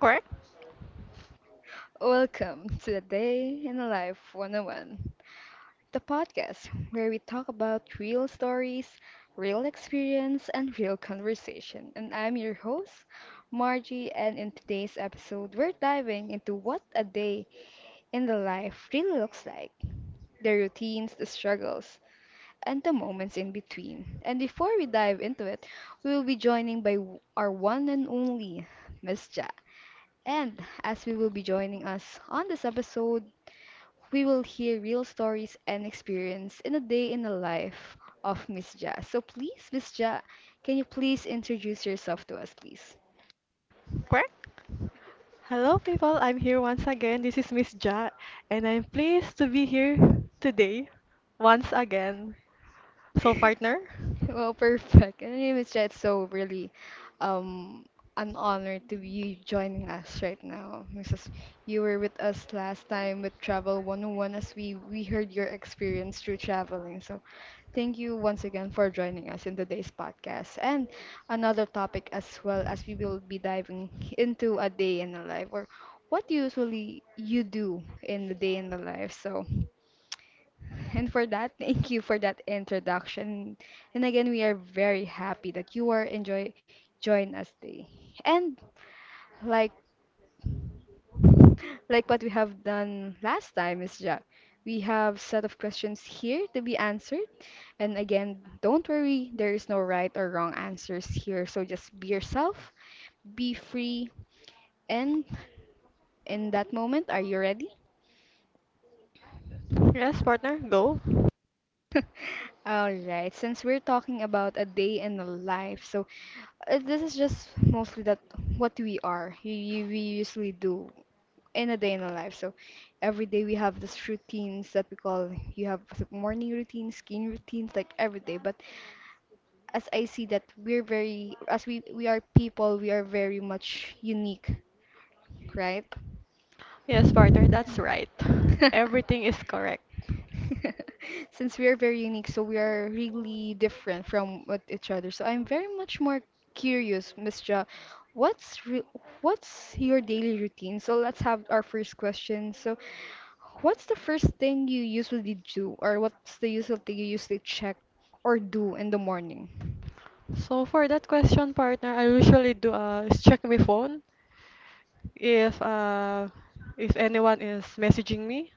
Quirk, Welcome to the Day in the Life 101, the podcast where we talk about real stories, real experience, and real conversation. And I'm your host, Margie, and in today's episode, we're diving into what a day in the life really looks like, the routines, the struggles, and the moments in between. And before we dive into it, we will be joining by our one and only Miss Jai. And as we will be joining us on this episode, we will hear real stories and experience in a day in the life of Miss Ja. So please, Miss Ja, can you please introduce yourself to us, please? quirk. Hello, people. I'm here once again. This is Miss Ja, and I'm pleased to be here today once again. So, partner? Well, perfect. And anyway, Miss Jet, so really um an honor to you joining us right now. Mrs. You were with us last time with Travel 101 as we heard your experience through traveling. So thank you once again for joining us in today's podcast and another topic as well as we will be diving into a day in the life or what usually you do in the day in the life. So, and for that, thank you for that introduction. And again, we are very happy that you are enjoy join us today. And like like what we have done last time, Miss Jack, we have set of questions here to be answered. And again, don't worry, there is no right or wrong answers here. So just be yourself, be free, and in that moment, are you ready? Yes, partner, go. All right, since we're talking about a day in the life. So, this is just mostly that what we are, we usually do in a day in our life. So every day we have these routines that we call. You have morning routines, skin routines, like every day. But as I see that we're very, as we are people, we are very much unique, right? Yes, partner, that's right. Everything is correct. Since we are very unique, so we are really different from what each other. So I'm very much more curious, Miss Ja. What's re what's your daily routine? So let's have our first question. So, what's the first thing you usually do, or what's the usual thing you usually check or do in the morning? So, for that question, partner, I usually do is check my phone if if anyone is messaging me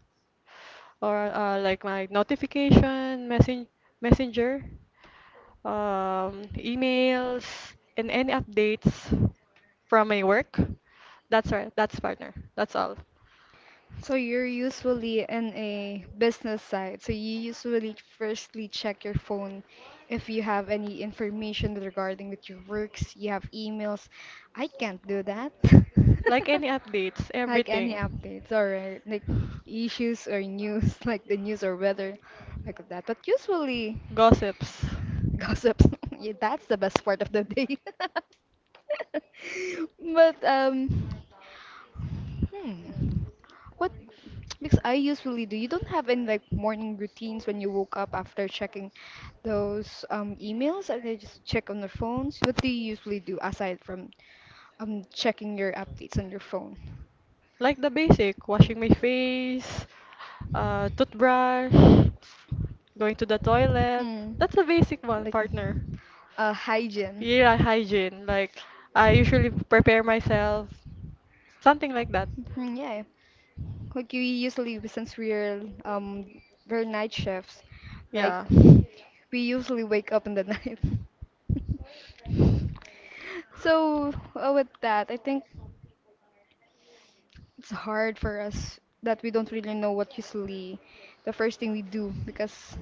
or like my notification, messenger. Emails, and any updates from my work. That's right. That's partner. That's all. So you're usually in a business site, so you usually firstly check your phone if you have any information with regarding with your works, you have emails. I can't do that. Like any updates, Like any everything. updates or like issues or news, like the news or weather, like that. But usually Gossips. gossips, yeah, that's the best part of the day. But hmm. What? Because I usually do. You don't have any like morning routines when you woke up after checking those emails, and they just check on their phones. What do you usually do aside from checking your updates on your phone? Like the basic, washing my face, toothbrush, going to the toilet. Mm. That's a basic one, Like, partner. Hygiene. Yeah, hygiene. Like I usually prepare myself, something like that. Mhm, yeah. Like you usually, since we're very night shifts, like Yeah. we usually wake up in the night. So, with that, I think it's hard for us that we don't really know what usually the first thing we do, because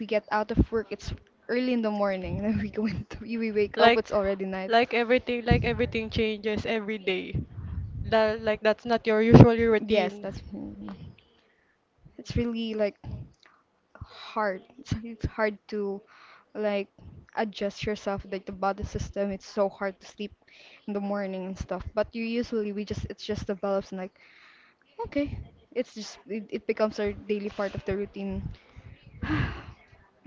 we get out of work, it's early in the morning, and then we go into we wake up, Like it's already night. Everything changes every day. That's not your usual Yes, routine. that's it's really like hard. It's hard to like adjust yourself, like the body system. It's so hard to sleep in the morning and stuff. But you usually we just it's just develops, and like okay, it's just it becomes our daily part of the routine.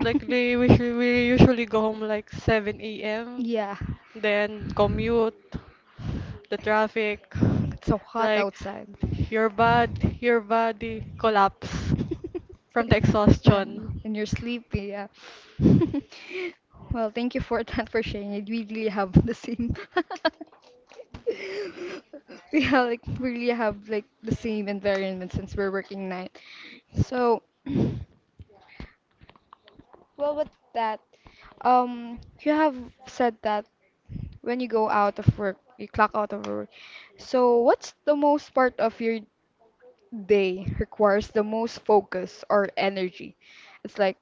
Like we usually go home like 7 a.m. Yeah, Then commute, the traffic, it's so hot like outside. Your body collapse from the exhaustion. When and you're sleepy, yeah. Well, thank you for that for sharing it. We really have the same. We have like we really have like the same environment since we're working night. So, well, with that, you have said that when you go out of work, you clock out of work. So, what's the most part of your day requires the most focus or energy. It's like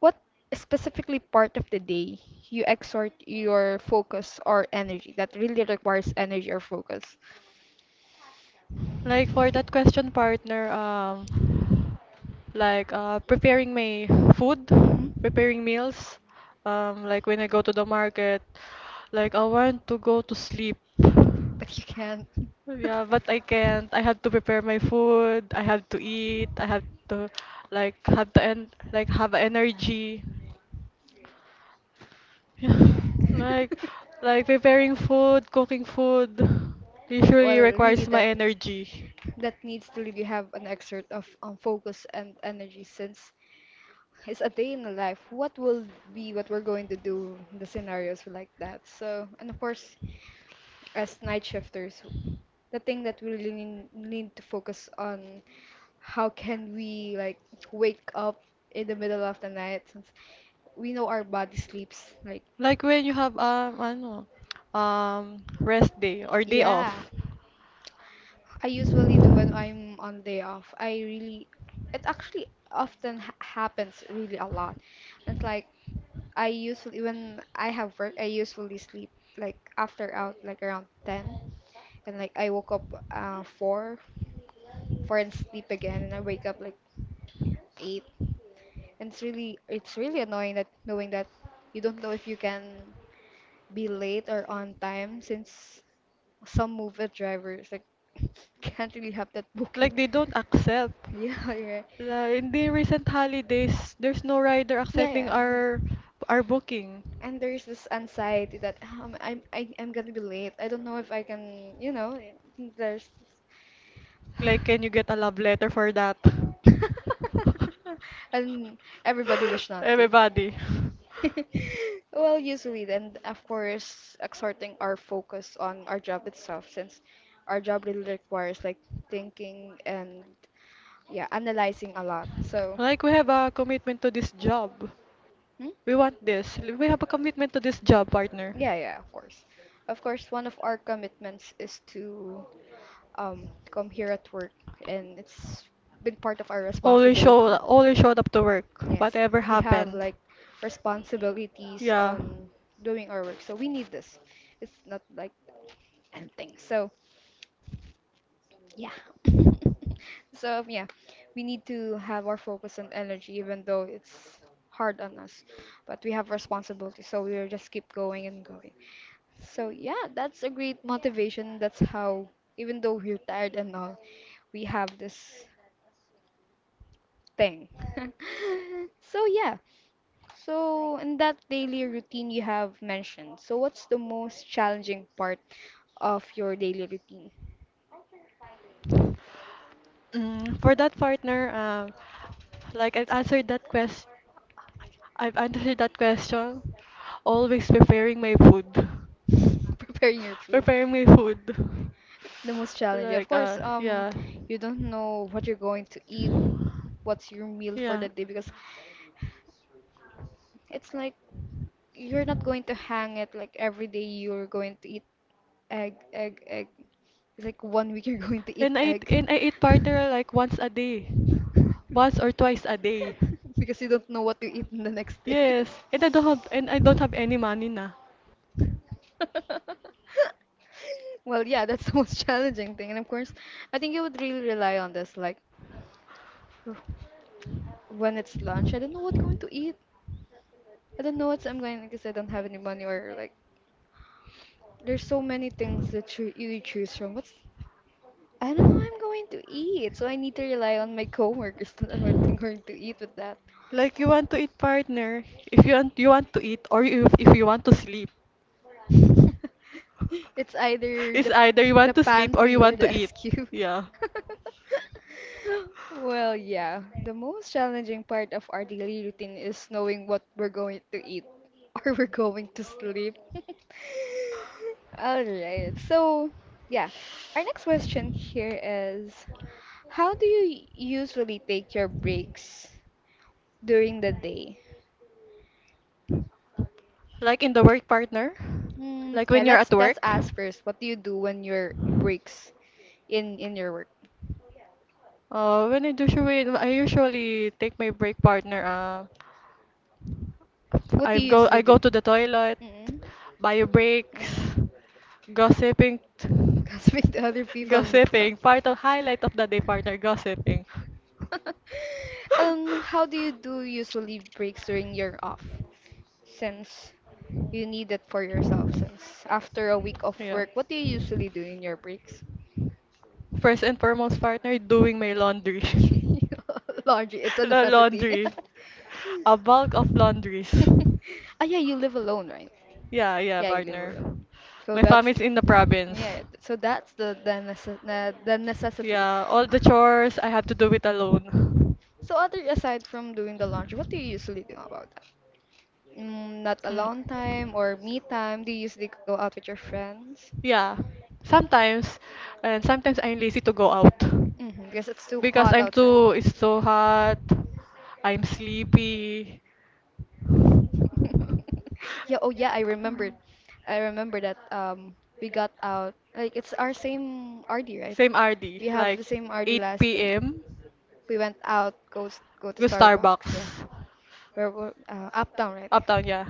what specifically part of the day you exert your focus or energy that really requires energy or focus. Like for that question, partner, like preparing my food, Hmm. preparing meals. Like when I go to the market, like I want to go to sleep. But you can't. Yeah, but I can't. I have to prepare my food. I have to eat. I have to like have the en like have energy. Yeah. Like preparing food, cooking food usually Well, really, requires my that energy. that needs to really have an exert of focus and energy since it's a day in the life. What will be what we're going to do in the scenarios like that? So, and of course, as night shifters, the thing that we really need to focus on, how can we like wake up in the middle of the night since we know our body sleeps like, Like when you have ano rest day or day yeah, off. I usually do when I'm on day off. I really, it actually often ha happens really a lot. It's like I usually when I have work, I usually sleep like after out like around 10, and like I woke up 4, 4 and sleep again, and I wake up like 8. And it's really annoying that knowing that you don't know if you can be late or on time since some Mover drivers like can't really have that booking. Like they don't accept. Yeah, you're right. Like in the recent holidays, there's no rider Yeah, accepting yeah. our booking. And there's this anxiety that I'm gonna be late. I don't know if I can, there's Like can you get a love letter for that? and everybody wish not to. Everybody. Well, usually then, of course, exerting our focus on our job itself, since our job really requires like thinking and, yeah, analyzing a lot. So, Like we have a commitment to this job. hmm? We want this. We have a commitment to this job, partner. Yeah, yeah, of course. Of course, one of our commitments is to, come here at work, and it's been part of our responsibility. Only showed up to work. Yes, Whatever we have happened. like responsibilities Yeah. on doing our work, so we need this. It's not like anything. So, yeah. So, yeah, we need to have our focus and energy, even though it's hard on us, but we have responsibility, so we'll just keep going and going. So yeah, that's a great motivation. That's how, even though we're tired and all, we have this thing. So yeah. So in that daily routine you have mentioned, so what's the most challenging part of your daily routine? Mm, for that partner, I've answered that question. I've answered that question. Always preparing my food. Preparing your food. Preparing my food. The most challenging. Of Like course, you don't know what you're going to eat, what's your meal for yeah. the day, because it's like you're not going to hang it like every day you're going to eat egg, egg, egg. It's like one week you're going to eat And I egg. and I eat partner like once a day, once or twice a day. Because you don't know what you eat the next day. Yes. And I don't have any money na. Well, yeah, that's the most challenging thing. And of course, I think you would really rely on this, like for- when it's lunch, I don't know what going to eat. I don't know what I'm going because I don't have any money, or like there's so many things that you choose from. What's I don't know what I'm going to eat, so I need to rely on my coworkers to know what I'm going to eat with that. Like you want to eat partner, if you want to eat or if you want to sleep. It's either It's the, either you the want to sleep or you pantry or want the to eat. SQ. Yeah. Well, yeah. The most challenging part of our daily routine is knowing what we're going to eat or we're going to sleep. All right. So, yeah. Our next question here is: how do you usually take your breaks during the day? Like in the work partner, Mm, like yeah, when you're at let's work. ask first. What do you do when your breaks in your work? When I usually take my break partner. What do I you usually go do? to the toilet, Mm. bio Mm. breaks, gossiping, Gossiping to other people in the pub. gossiping. Part of highlight of the day partner gossiping. How do you do usually breaks during your off? Since you need it for yourself, since after a week of Yeah. work, what do you usually do in your breaks? First and foremost partner, doing my laundry. Laundry, it's a La necessity. Laundry. A bulk of laundries. Ah, yeah, you live alone, right? Yeah, yeah, Yeah, you live partner. alone. So My that's, family's in the province. yeah. So that's the necessity. Yeah, all the chores I have to do it alone. So other aside from doing the laundry, what do you usually do about that? Mm, not alone time or me time? Do you usually go out with your friends? Yeah, sometimes, and sometimes I'm lazy to go out Mm-hmm, because it's too because hot. It's so hot, I'm sleepy. Yeah, oh yeah, I remember. I remember that we got out like it's our same RD, right? Same RD, We have the like same RD last 8 time. p.m. We went out, go go to Go Starbucks, yeah. Starbucks Yeah. Where Uptown, right? Yeah. uptown, yeah.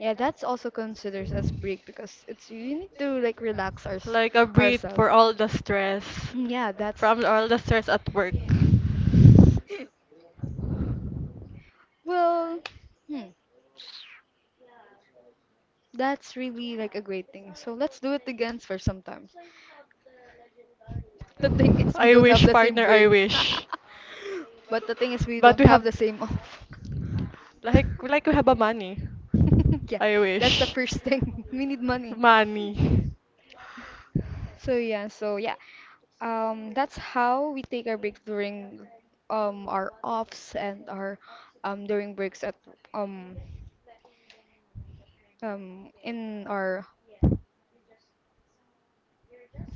Yeah, that's also considered as break because it's you need to like relax Like a breath ourselves. for all the stress, Yeah, that's, from all the stress at work. well, hmm. That's really like a great thing. So let's do it again for sometimes. The thing is, we I don't have wish, the same partner, I break. wish. But the thing is, we But don't we have have, the same off. like we have a money. Yeah, I that's the wish. first thing. We need money. Money. So yeah, so yeah. That's how we take our break during our offs, and our during breaks at um in our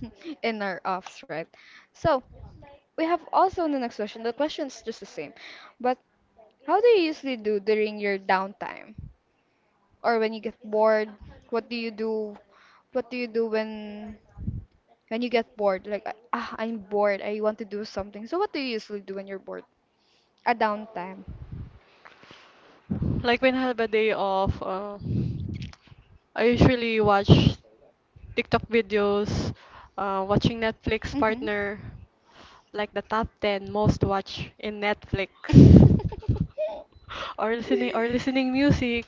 in our offs, right? So we have also the next question. The question is just the same, but how do you usually do during your downtime or when you get bored? What do you do? What do you do when you get bored? Like ah, I'm bored. I want to do something. So what do you usually do when you're bored? A downtime. Like when I have a day off, I usually watch TikTok videos, watching Netflix, Mhm. partner, like the top 10 most watched in Netflix. Or listening music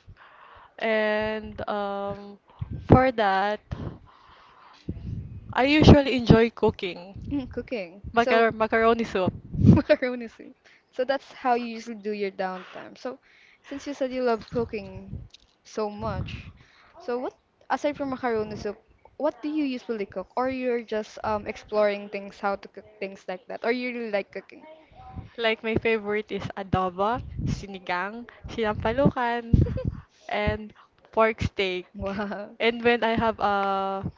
and for that I usually enjoy cooking Mm, cooking. So, macaroni soup. macaroni soup. So that's how you usually do your downtime. So, since you said you love cooking so much, so what, aside from macaroni soup, what do you usually cook? Or you're just exploring things, how to cook things like that? Or you really like cooking? Like my favorite is adobo, sinigang, sinampalukan, and pork steak. Wow. And when I have a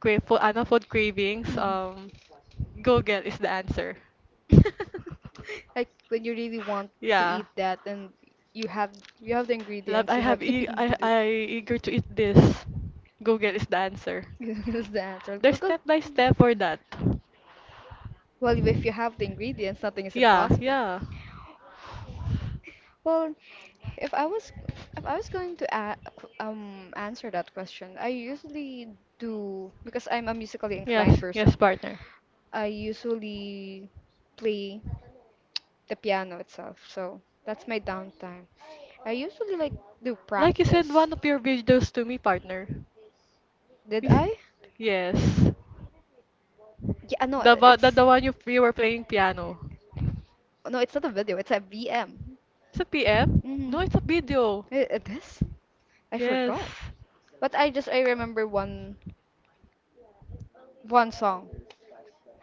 crave food, ano, food cravings, Mhm. Google is the answer. Like when you really want to Yeah. eat that and you have you have the Love, ingredients, I you have have e to do I eager to eat this. Google is the answer. Google's the answer. There's Google step by step for that. well, if you have the ingredients, nothing is Yeah, impossible. yeah. Well, if I was if I was going to a answer that question, I usually do because I'm a musically inclined Yes, yes, person. partner. I usually play the piano itself, so that's my downtime. I usually like do Like you send practice. one of your videos to me, partner. Did Is- I? Yes. Yeah, no, it's The one you were playing piano. no, it's not a video. It's a VM. It's a PM? No, Mm-hmm. it's a video. I- It is? I Yes. forgot. But I just I remember one song.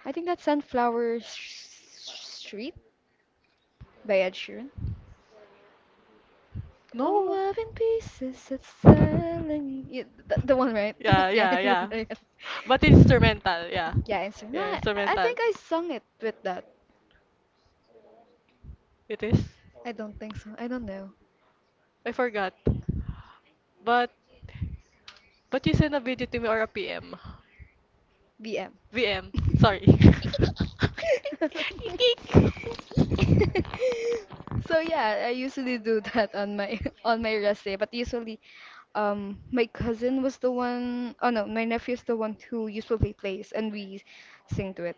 I think that's Sunflower S- Street by Ed Sheeran. Oh, No. love in pieces, it's selling you. Th the one, right? Yeah, Yeah. yeah, yeah. But it's instrumental, yeah. Yeah, instrumental. Yeah, No, I instrumental. think I sung it with that. It is? I don't think so. I don't know. I forgot. But you send a video to me or a PM. BM. VM. Sorry. Ikik. so yeah, I usually do that on my on my rest day, but usually my cousin was the one oh no, my nephew's the one who usually plays and we sing to it.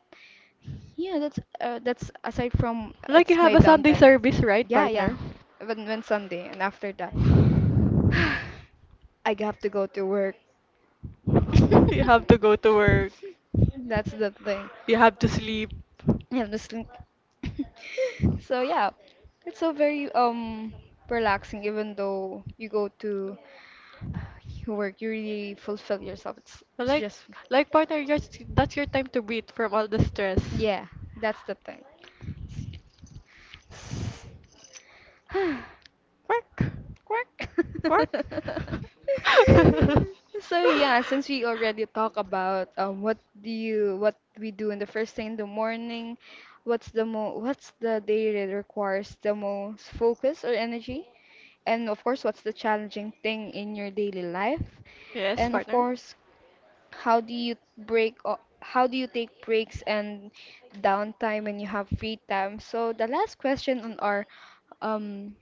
Yeah, that's aside from Like you it's have my a Sunday downtime. service, right, Yeah, yeah. partner? When Sunday and after that I have to go to work. You have to go to work. That's the thing. You have to sleep. So, Yeah, I'm just so yeah, it's so very relaxing. Even though you go to you work, you really fulfill yourself. It's like, just partner, that's your time to breathe from all the stress. yeah, that's the thing. Work. Quack. Park? So yeah, since we already talk about what do you what we do in the first thing in the morning, what's the mo what's the day that requires the most focus or energy, and of course what's the challenging thing in your daily life, Yes, and of partner. course how do you how do you take breaks and downtime when you have free time? So the last question on our um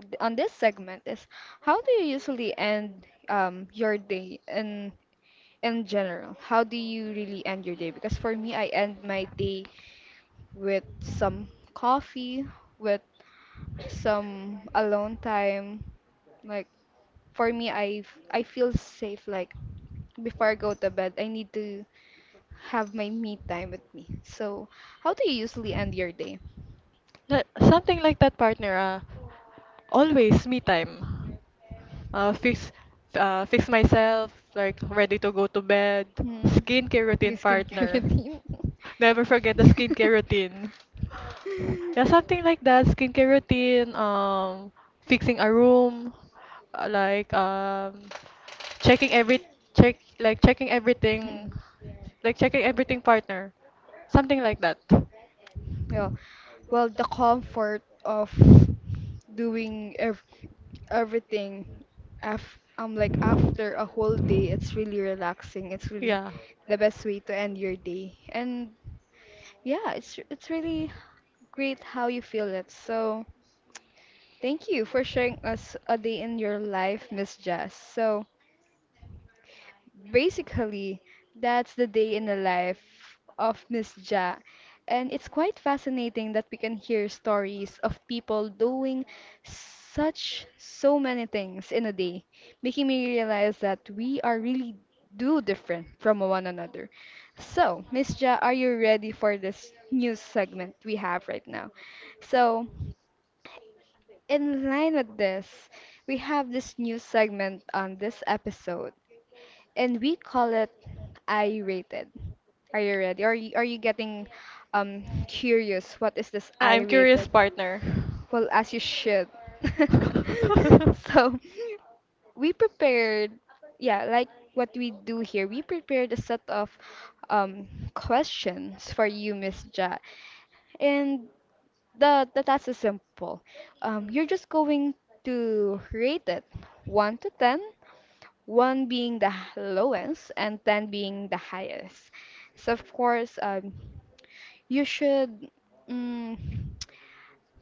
on this segment is how do you usually end your day in general? How do you really end your day? Because for me, I end my day with some coffee, with some alone time. Like for me, I feel safe like before I go to bed, I need to have my me time with me. So, how do you usually end your day? That, something like that, partner. Always me time. Uh, fix, Fix myself, like ready to go to bed. Hmm. Skincare routine, Your skincare partner. routine? Never forget the skincare routine. Yeah, something like that. Skincare routine, fixing a room, uh, like um, checking every check like checking everything. Mm. Like checking everything partner. Something like that. Yeah. Well, the comfort of doing ev everything af like after a whole day, it's really relaxing. It's really Yeah. the best way to end your day. And yeah, it's really great how you feel it. So, thank you for sharing us a day in your life, Miss Jess. So, basically, that's the day in the life of Miss Ja. And it's quite fascinating that we can hear stories of people doing such so many things in a day, making me realize that we are really do different from one another. So, Miss Ja, are you ready for this news segment we have right now? So, in line with this, we have this new segment on this episode and we call it I-rated. Are you ready? Are you getting curious? What is this I'm curious I-rated? partner. Well, as you should. So we prepared, yeah, like what we do here. We prepared a set of um, questions for you, Miss Ja, and the task is simple. You're just going to rate it 1 to 10, 1 being the lowest and 10 being the highest. So, of course, you should mm,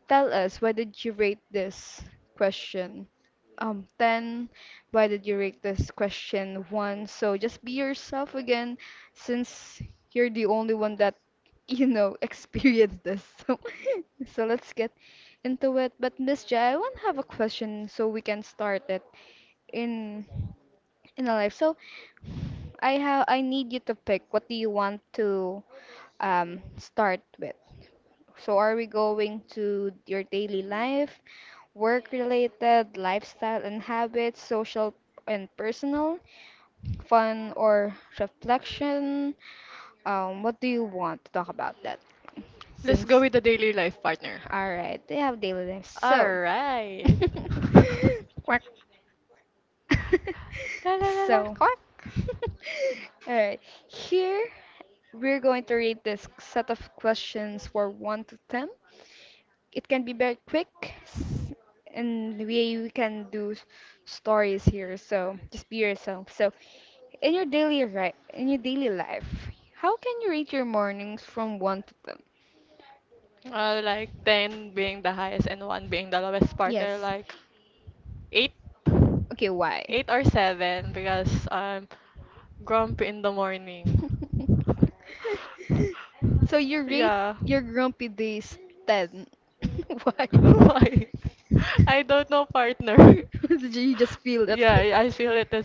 tell us why did you rate this question 10, why did you rate this question 1, so just be yourself again since you're the only one that you know experienced this so so let's get into it but Miss Jai, I want to have a question so we can start it in a life. So I need you to pick what do you want to start with. So are we going to your daily life, work related, lifestyle and habits, social and personal, fun or reflection? What do you want to talk about that? Let's go Since with the daily life partner. all right, they have daily lives. All So, right. quack La la la la, So, quack. all right. Here we're going to read this set of questions for 1 to 10. It can be very quick s- and we can do stories here. So, just be yourself. So, in your daily life, how can you rate your mornings from 1 to 10? Like 10 being the highest and 1 being the lowest partner, Yes. like 8, Okay, why? 8 or 7 because I'm grumpy in the morning. So you rate Yeah. your grumpy days 10. Why? Why? I don't know, partner. Did you just feel that. Yeah, I feel it as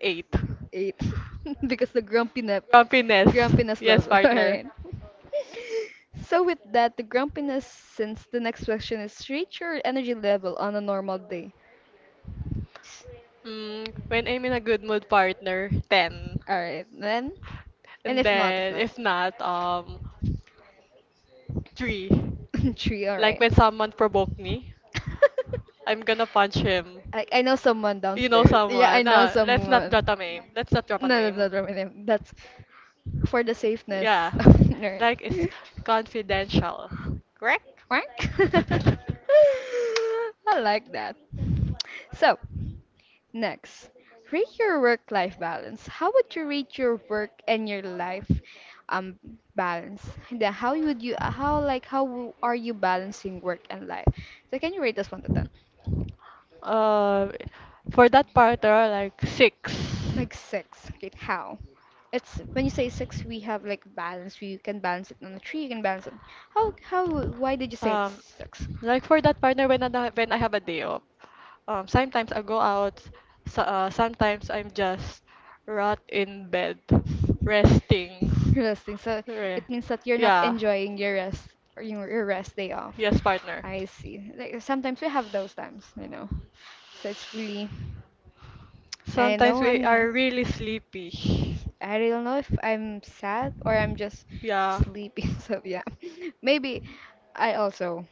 8. Eight. Because the grumpiness. Grumpiness. Grumpiness Yes, level. partner. Alright. So with that, the grumpiness since the next question is rate your energy level on a normal day. Mm, when I'm in a good mood partner, 10. All right, then. And And if not, if then not. if not, 3. Three, all Like right. when someone provoked me, I'm gonna punch him. I know someone You know downstairs. Yeah, I someone. know No, let's not someone. drop a name. Let's not drop a No, no, name. no, don't worry. That's for the safeness. Yeah. All right. Like it's confidential. Correct? Quack. I like that. So, next, rate your work-life balance. How would you rate your work and your life um balance? Then how would you how like how are you balancing work and life? So can you rate this one to ten? uh, for that partner, like 6. Like six. Okay, how? It's when you say six, we have like balance. You can balance it on a tree. You can balance it. How why did you say it's Um, six? like for that partner, when I have a day off, sometimes I go out. So, sometimes I'm just rot in bed, resting. Resting. So Re- it means that you're not yeah. enjoying your rest or your rest day off. Yes, partner. I see. Like sometimes we have those times, you know. So it's really I Sometimes know we I'm are really sleepy. I don't know if I'm sad or I'm just Yeah. sleepy. So yeah. Maybe I also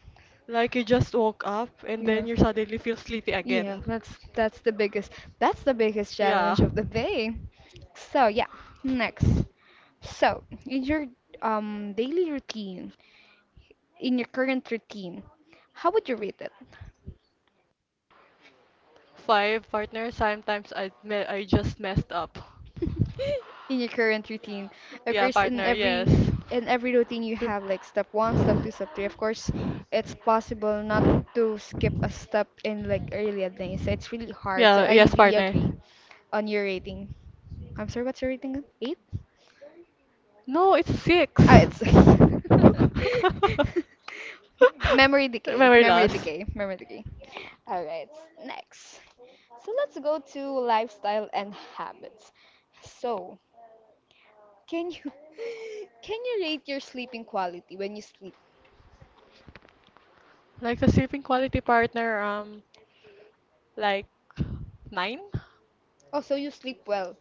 Like you just woke up and yeah. then you suddenly feel sleepy Yeah, again. That's the biggest Yeah. challenge of the day. So yeah, next. So, in your daily routine, in your current routine, how would you rate it? Five partner, sometimes I just messed up. In your current routine, of Yeah, course, partner, yes. In every routine you Th- have like step one, step two, step three. Of course, it's possible not to skip a step in like early at night. So it's really hard. So Yeah, I yes, really partner. agree on your rating. I'm sorry, what's your rating? Eight? No, it's six. Ah, it's memory decay, Memory memory loss. decay, memory decay. All right, next. So let's go to lifestyle and habits. So, can you can you rate your sleeping quality when you sleep? Like the sleeping quality partner, like nine? Oh, so you sleep well.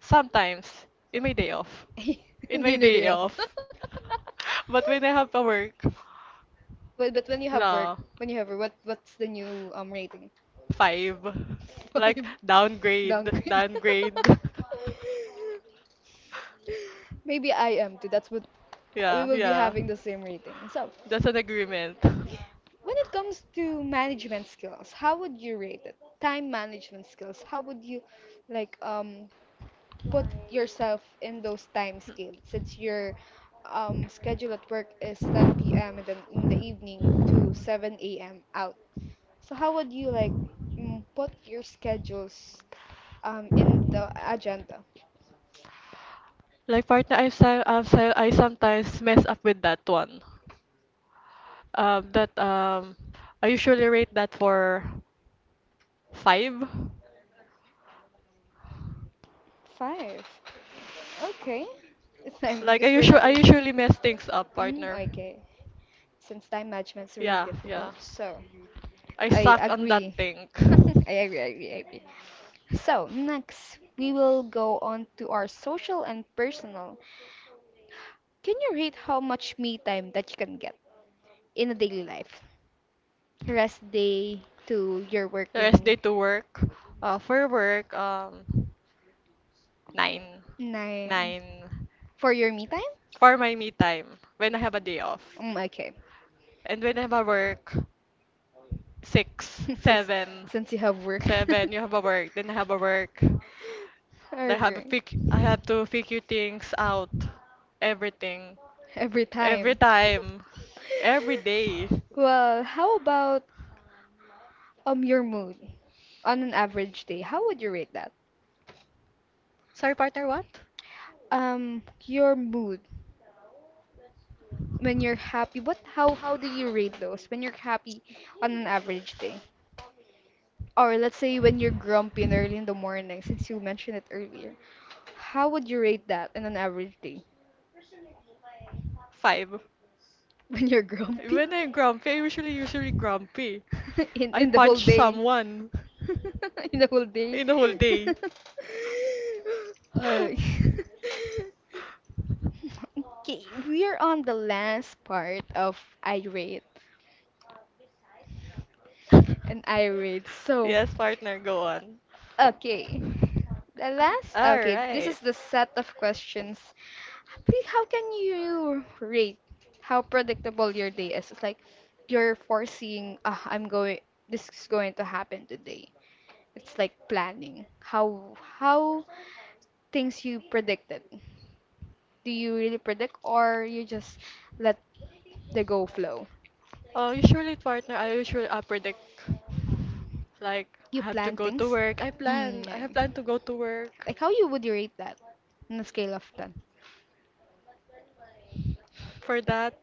Sometimes. In my day off. In Hindi my na day day off. off. But when I have to work, Well, but when you have work, no, when you have work, what what's the new rating? five. Like Five. Downgrade. downgrade, Downgrade. downgrade. Maybe I am too. That's what we Yeah, will be yeah. having the same rating. So, That's an agreement. when it comes to management skills, how would you rate it? Time management skills, how would you like put yourself in those time scales since your schedule at work is 10 p.m. and then in the evening to 7 a.m. out. So, how would you like put your schedules in the agenda? Like partner, I sometimes mess up with that one. That I usually rate that for five. Five. Okay. It's time Like because we're not I really usually mess things up, Mm, partner. okay. Since time management's really Yeah, yeah. difficult, so I I suck on agree. that thing. I agree, I agree, I agree. So, next, we will go on to our social and personal. Can you rate how much me time that you can get in a daily life? Rest day to your The rest working day to work. For work, nine, nine, nine. for your me time? For my me time, when I have a day off, Mm, okay. and when I have a work, six, Six, seven, since you have work. seven. You have a work, then I have a work. I Alright. I have to figure things out, everything, Every every time. time, every day. Well, how about your mood on an average day? How would you rate that? Sorry, partner, what? Your mood when you're happy. What? How? How do you rate those when you're happy on an average day? Or let's say when you're grumpy and early in the morning, since you mentioned it earlier. How would you rate that in an average day? Five. When you're grumpy? When I'm grumpy, I'm usually grumpy. In I the whole punch day. someone In the whole day. in the whole day. uh, okay, we're on the last part of irate and irate. So, Yes, partner, go on. okay. The last, All okay, this right. is the set of questions. Please, how can you rate how predictable your day is? It's like you're foreseeing, ah, I'm going, this is going to happen today. It's like planning. How things you predicted. Do you really predict or you just let the go flow? Oh, usually partner, I usually predict. Like, I You have to plan go to things. work. I Mm, plan. I yeah. have planned to go to work. Like how you would rate that on a scale of 10? For that,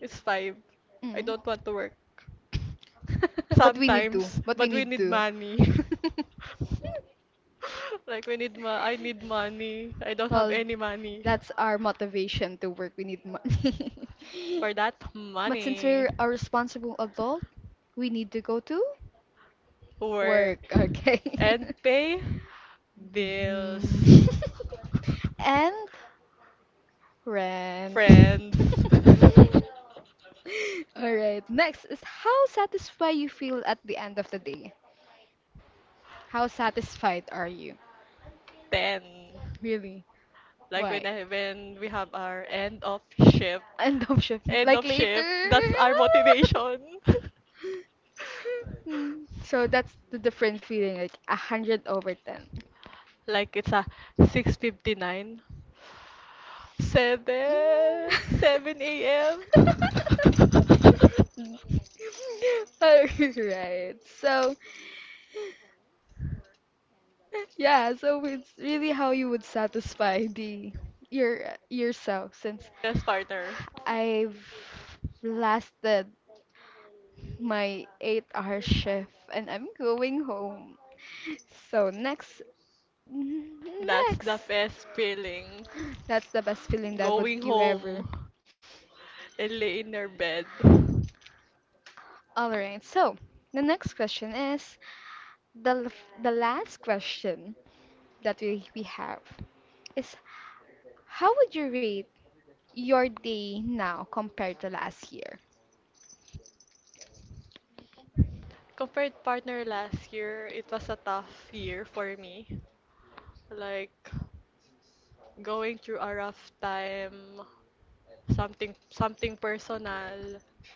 it's five. I Mm. don't want to work. But we need to. Sometimes, But we but we need need to. money. Like, we need ma I need money. I don't have Well, any money. that's our motivation to work. We need money. For that But since money, we're a responsible adult, we need to go to work. work Okay. and pay bills. Mhm. And rent. Friends. All right. Next is how satisfied you feel at the end of the day. How satisfied are you? Ten. Really? Like Why? When we have our end of shift. End of shift. End Like of later. shift. That's our motivation. Mm, so that's the different feeling, like a hundred over ten. Like it's a 6:59. 7 Mm. 7 a.m. Alright. So, yeah, so it's really how you would satisfy the your yourself since Yes, partner. I've lasted my 8-hour shift and I'm going home. So, That's next. the best feeling. That's the best feeling that Going would you ever. home and lay in your bed. Alright. So, the next question is the last question that we have is how would you rate your day now compared to last year? Compared partner last year, it was a tough year for me. Like going through a rough time, something personal,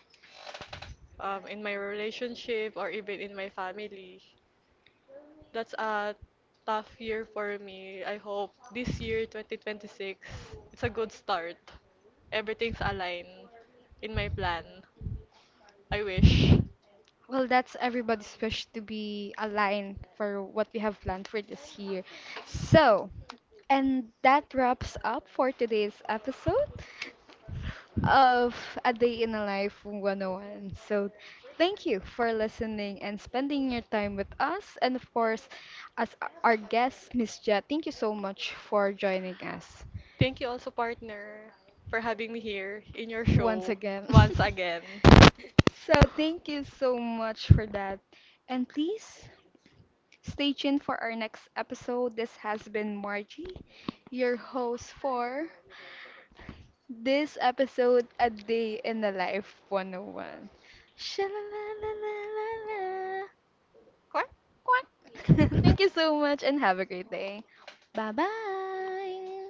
in my relationship or even in my family. That's a tough year for me. I hope this year, 2026, it's a good start. Everything's aligned in my plan. I wish. Well, that's everybody's wish to be aligned for what we have planned for this year. So, and that wraps up for today's episode of A Day in a Life 101. So, thank you for listening and spending your time with us. And of course, as our guest, Miss Jet, thank you so much for joining us Thank you also, partner, for having me here in your once show again. once again. So thank you so much for that. And please stay tuned for our next episode. This has been Margie, your host for this episode A Day in the Life 101. Sha-la-la-la-la-la-la. Quack. Quack. Thank you so much and have a great day. Bye-bye.